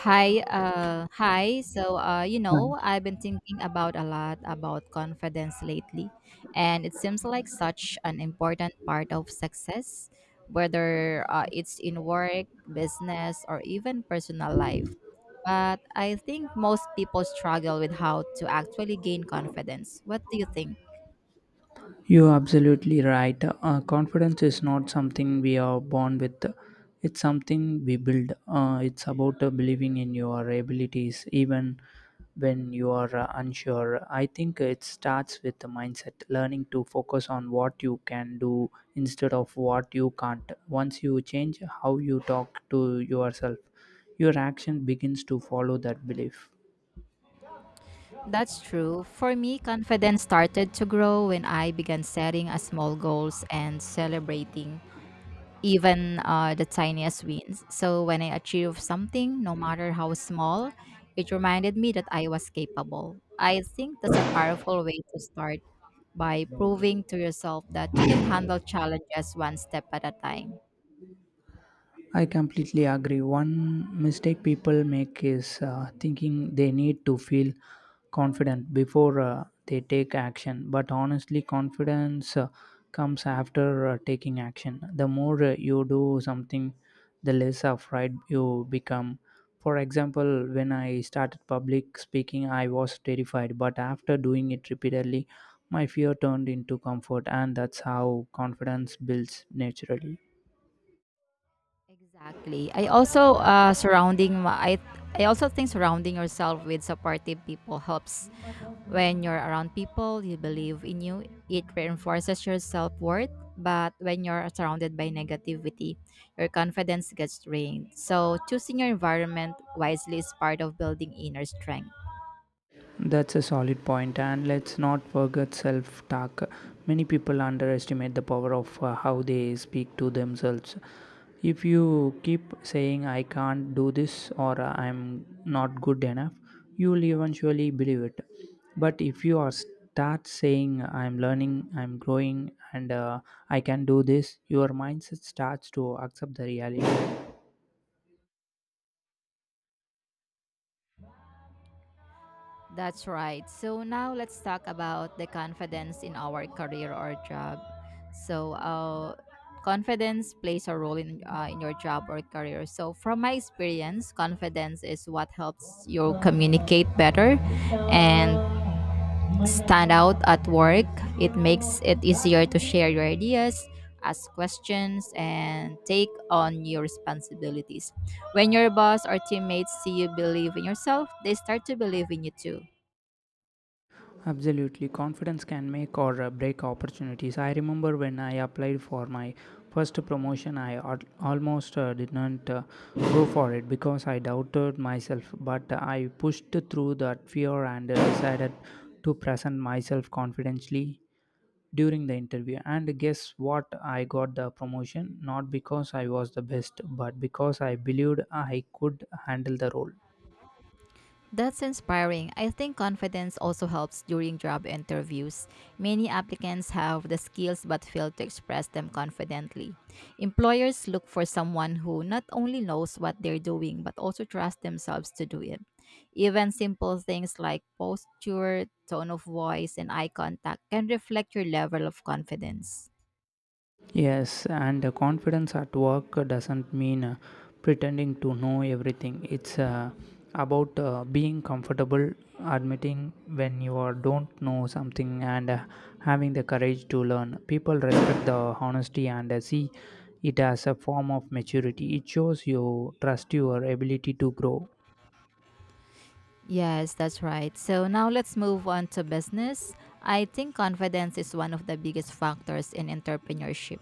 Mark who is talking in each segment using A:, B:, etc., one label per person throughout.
A: Hi. So, uh, you
B: Right.
A: know, I've been thinking about a lot about confidence lately, and it seems like such an important part of success, whether it's in work, business, or even personal life. But I think most people struggle with how to actually gain confidence. What do you think?
B: You're absolutely right. Confidence is not something we are born with, it's something we build. It's about believing in your abilities, even when you are unsure. I think it starts with the mindset, learning to focus on what you can do instead of what you can't. Once you change how you talk to yourself, your action begins to follow that belief.
A: That's true. For me, confidence started to grow when I began setting a small goals and celebrating even the tiniest wins. So when I achieved something, no matter how small, it reminded me that I was capable. I think that's a powerful way to start by proving to yourself that you can handle challenges one step at a time.
B: I completely agree. One mistake people make is thinking they need to feel confident before they take action. But honestly, confidence comes after taking action. The more you do something, the less afraid you become. For example, when I started public speaking, I was terrified, but after doing it repeatedly, my fear turned into comfort, and that's how confidence builds naturally.
A: Exactly. I also think surrounding yourself with supportive people helps. When you're around people you believe in you, it reinforces your self-worth, but when you're surrounded by negativity, your confidence gets drained. So choosing your environment wisely is part of building inner strength.
B: That's a solid point, and let's not forget self talk. Many people underestimate the power of how they speak to themselves. If you keep saying, I can't do this or I'm not good enough, you will eventually believe it. But if you are start saying, I'm learning, I'm growing, and I can do this, your mindset starts to accept the reality.
A: That's right. So now let's talk about the confidence in our career or job. So, confidence plays a role in in your job or career. So, from my experience, confidence is what helps you communicate better and stand out at work. It makes it easier to share your ideas, ask questions, and take on your responsibilities. When your boss or teammates see you believe in yourself, they start to believe in you too.
B: Absolutely, confidence can make or break opportunities. I remember when I applied for my first promotion, almost didn't go for it because I doubted myself, but I pushed through that fear and decided to present myself confidently during the interview. And guess what? I got the promotion not because I was the best, but because I believed I could handle the role.
A: That's inspiring. I think confidence also helps during job interviews. Many applicants have the skills but fail to express them confidently. Employers look for someone who not only knows what they're doing but also trusts themselves to do it. Even simple things like posture, tone of voice, and eye contact can reflect your level of confidence.
B: Yes, and confidence at work doesn't mean pretending to know everything. It's about being comfortable, admitting when you are, don't know something, and having the courage to learn. People respect the honesty and see it as a form of maturity. It shows you trust your ability to grow.
A: Yes, that's right. So now let's move on to business. I think confidence is one of the biggest factors in entrepreneurship.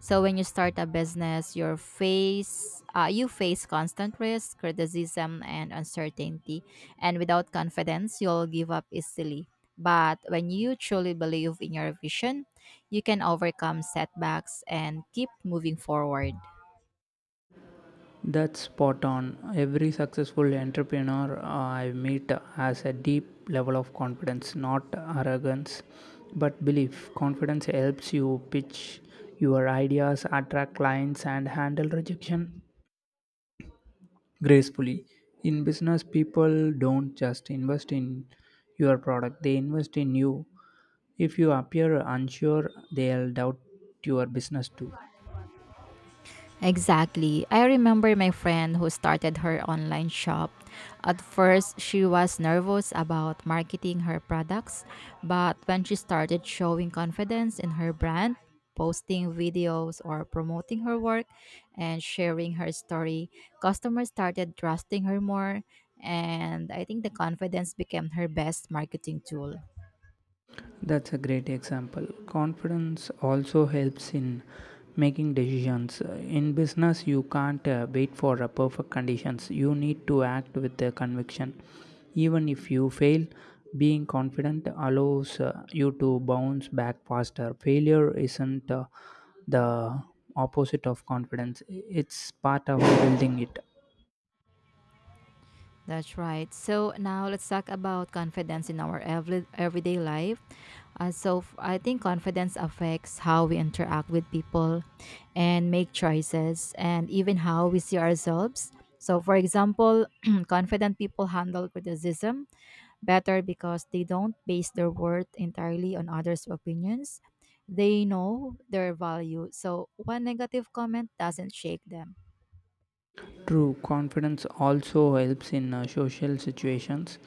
A: So when you start a business, you face constant risk, criticism, and uncertainty. And without confidence, you'll give up easily. But when you truly believe in your vision, you can overcome setbacks and keep moving forward.
B: That's spot on. Every successful entrepreneur I meet has a deep level of confidence, not arrogance, but belief. Confidence helps you pitch your ideas, attract clients, and handle rejection gracefully. In business, people don't just invest in your product, they invest in you. If you appear unsure, they'll doubt your business too.
A: Exactly. I remember my friend who started her online shop. At first, she was nervous about marketing her products, but when she started showing confidence in her brand, posting videos or promoting her work and sharing her story, customers started trusting her more, and I think the confidence became her best marketing tool.
B: That's a great example. Confidence also helps in making decisions. In business, you can't wait for perfect conditions. You need to act with the conviction. Even if you fail, being confident allows you to bounce back faster. Failure isn't the opposite of confidence, it's part of building it.
A: That's right. So now let's talk about confidence in our everyday life. So, I think confidence affects how we interact with people and make choices and even how we see ourselves. So for example, confident people handle criticism better because they don't base their worth entirely on others' opinions. They know their value. So one negative comment doesn't shake them.
B: True, confidence also helps in social situations.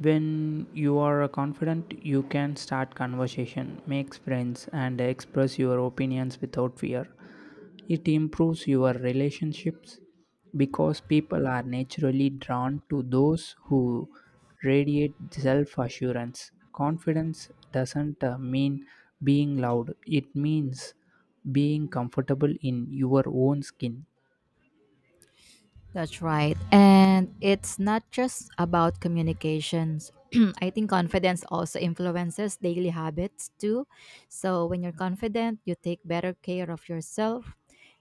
B: When you are confident, you can start conversation, make friends, and express your opinions without fear. It improves your relationships because people are naturally drawn to those who radiate self assurance. Confidence doesn't mean being loud, it means being comfortable in your own skin.
A: That's right. And it's not just about communications. I think confidence also influences daily habits too. So when you're confident, you take better care of yourself,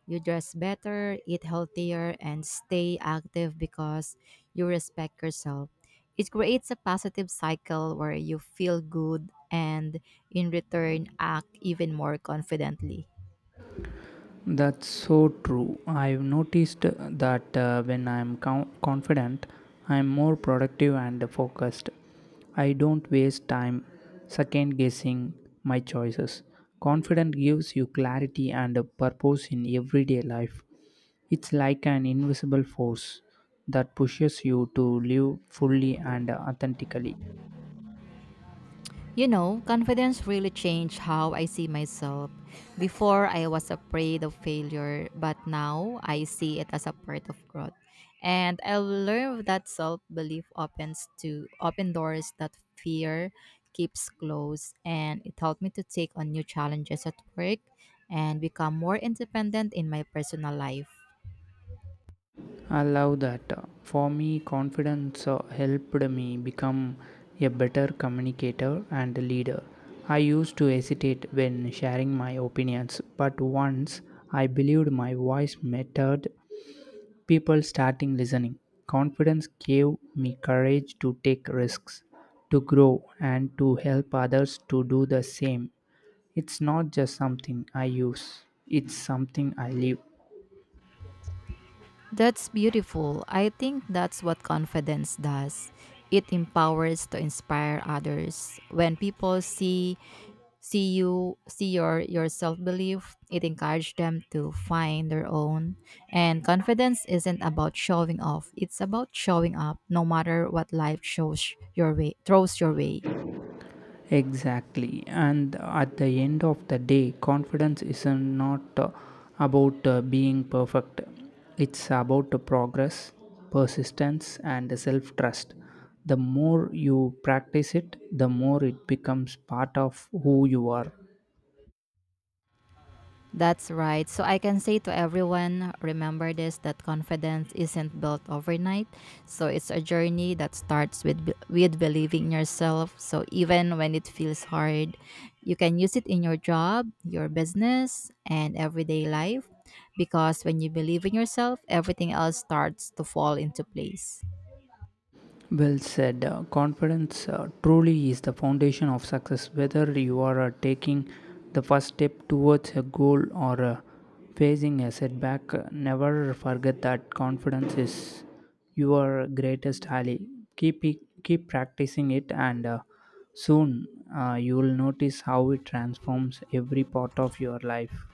A: you dress better, eat healthier, and stay active because you respect yourself. It creates a positive cycle where you feel good and in return act even more confidently.
B: That's so true. I've noticed that when confident, I'm more productive and focused. I don't waste time second guessing my choices. Confidence gives you clarity and a purpose in everyday life. It's like an invisible force that pushes you to live fully and authentically.
A: You know, confidence really changed how I see myself. Before, I was afraid of failure, but now I see it as a part of growth. And I learned that self belief opens to open doors that fear keeps closed, and it helped me to take on new challenges at work and become more independent in my personal life.
B: I love that. For me, confidence helped me become a better communicator and leader. I used to hesitate when sharing my opinions, but once I believed my voice mattered, people started listening. Confidence gave me courage to take risks, to grow, and to help others to do the same. It's not just something I use, it's something I live.
A: That's beautiful. I think that's what confidence does. It empowers to inspire others. When people see your self-belief, it encourages them to find their own. And confidence isn't about showing off. It's about showing up no matter what life shows your way throws your way.
B: Exactly. And at the end of the day, confidence is not about being perfect, it's about progress, persistence, and self trust. The more you practice it, the more it becomes part of who you are.
A: That's right. So I can say to everyone, remember this that confidence isn't built overnight. So it's a journey that starts with believing in yourself. So even when it feels hard, you can use it in your job, your business, and everyday life because when you believe in yourself, everything else starts to fall into place.
B: Well said. Confidence truly is the foundation of success. Whether you are taking the first step towards a goal or facing a setback, never forget that confidence is your greatest ally. Keep it, keep practicing it, and soon you will notice how it transforms every part of your life.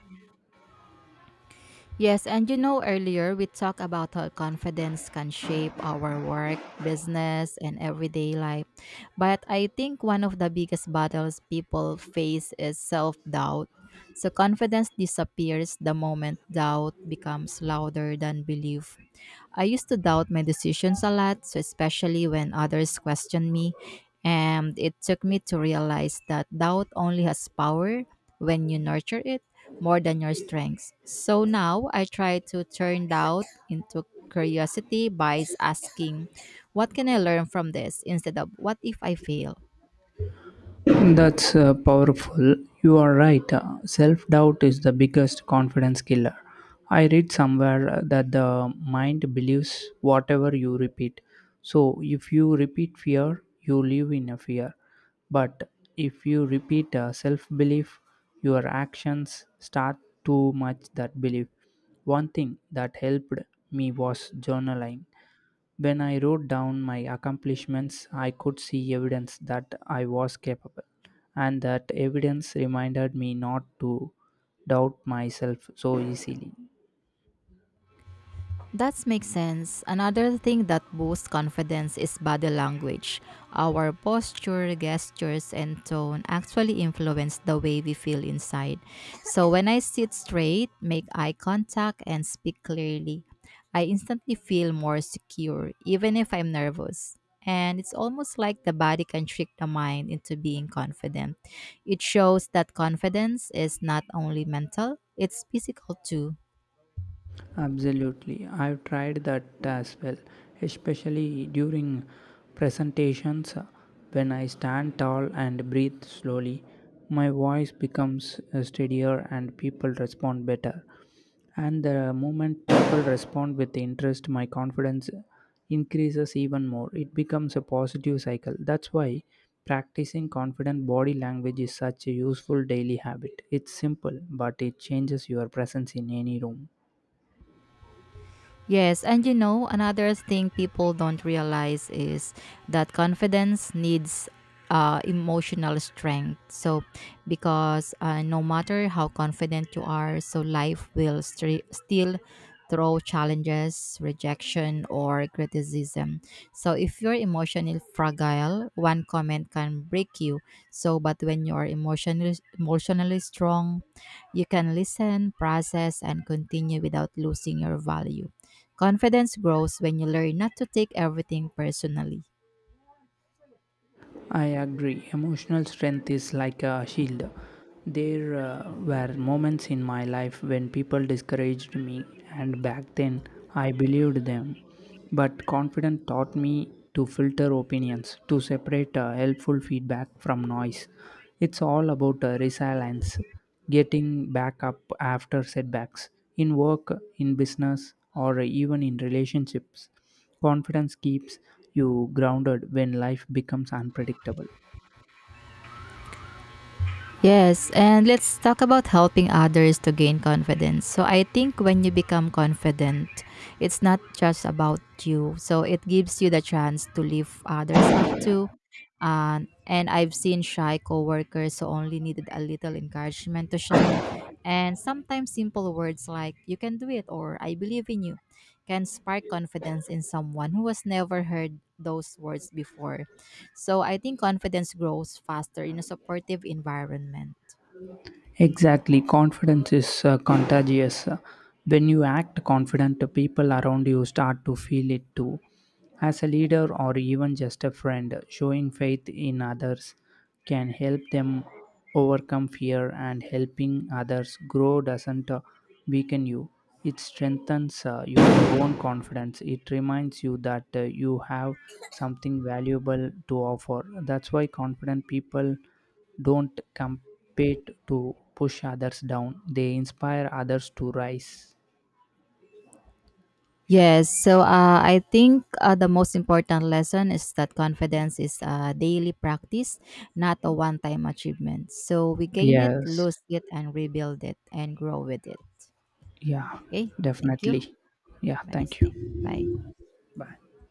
A: Yes, and you know, earlier we talked about how confidence can shape our work, business, and everyday life. But I think one of the biggest battles people face is self doubt. So confidence disappears the moment doubt becomes louder than belief. I used to doubt my decisions a lot, so especially when others questioned me. And it took me to realize that doubt only has power when you nurture it more than your strengths. So now I try to turn doubt into curiosity by asking, what can I learn from this? Instead of what if I fail?
B: That's powerful. You are right. Self doubt is the biggest confidence killer. I read somewhere that the mind believes whatever you repeat. So, if you repeat fear, you live in a fear. But if you repeat self belief, your actions start to match that belief. One thing that helped me was journaling. When I wrote down my accomplishments, I could see evidence that I was capable, and that evidence reminded me not to doubt myself so easily.
A: That makes sense. Another thing that boosts confidence is body language. Our posture, gestures, and tone actually influence the way we feel inside. So when I sit straight, make eye contact, and speak clearly, I instantly feel more secure, even if I'm nervous. And it's almost like the body can trick the mind into being confident. It shows that confidence is not only mental, it's physical too.
B: Absolutely. I've tried that as well, especially during presentations when I stand tall and breathe slowly. My voice becomes steadier and people respond better. And the moment people respond with interest, my confidence increases even more. It becomes a positive cycle. That's why practicing confident body language is such a useful daily habit. It's simple, but it changes your presence in any room.
A: Yes, and you know, another thing people don't realize is that confidence needs emotional strength. So, because no matter how confident you are, so life will still throw challenges, rejection, or criticism. So, if you're emotionally fragile, one comment can break you. So, but when you're emotionally strong, you can listen, process, and continue without losing your value. Confidence grows when you learn not to take everything personally.
B: I agree. Emotional strength is like a shield. There were moments in my life when people discouraged me, and back then I believed them. But confidence taught me to filter opinions, to separate helpful feedback from noise. It's all about resilience, getting back up after setbacks in work, in business, or even in relationships. Confidence keeps you grounded when life becomes unpredictable.
A: Yes, and let's talk about helping others to gain confidence. So I think when you become confident, it's not just about you. So it gives you the chance to lift others up to. And I've seen shy coworkers who only needed a little encouragement to shine. And sometimes simple words like "you can do it" or "I believe in you" can spark confidence in someone who has never heard those words before. So I think confidence grows faster in a supportive environment.
B: Exactly. Confidence is contagious. When you act confident, the people around you start to feel it too. As a leader or even just a friend, showing faith in others can help them overcome fear and helping others grow doesn't weaken you. It strengthens your own confidence. It reminds you that you have something valuable to offer. That's why confident people don't compete to push others down, they inspire others to rise.
A: Yes, so I think the most important lesson is that confidence is a daily practice, not a one time achievement. So we gain it,
B: Yes.
A: lose it, and rebuild it and grow with it.
B: Yeah,
A: Okay, thank you.
B: definitely. Yeah,
A: Have a nice
B: thank you.
A: day. Bye.
B: Bye.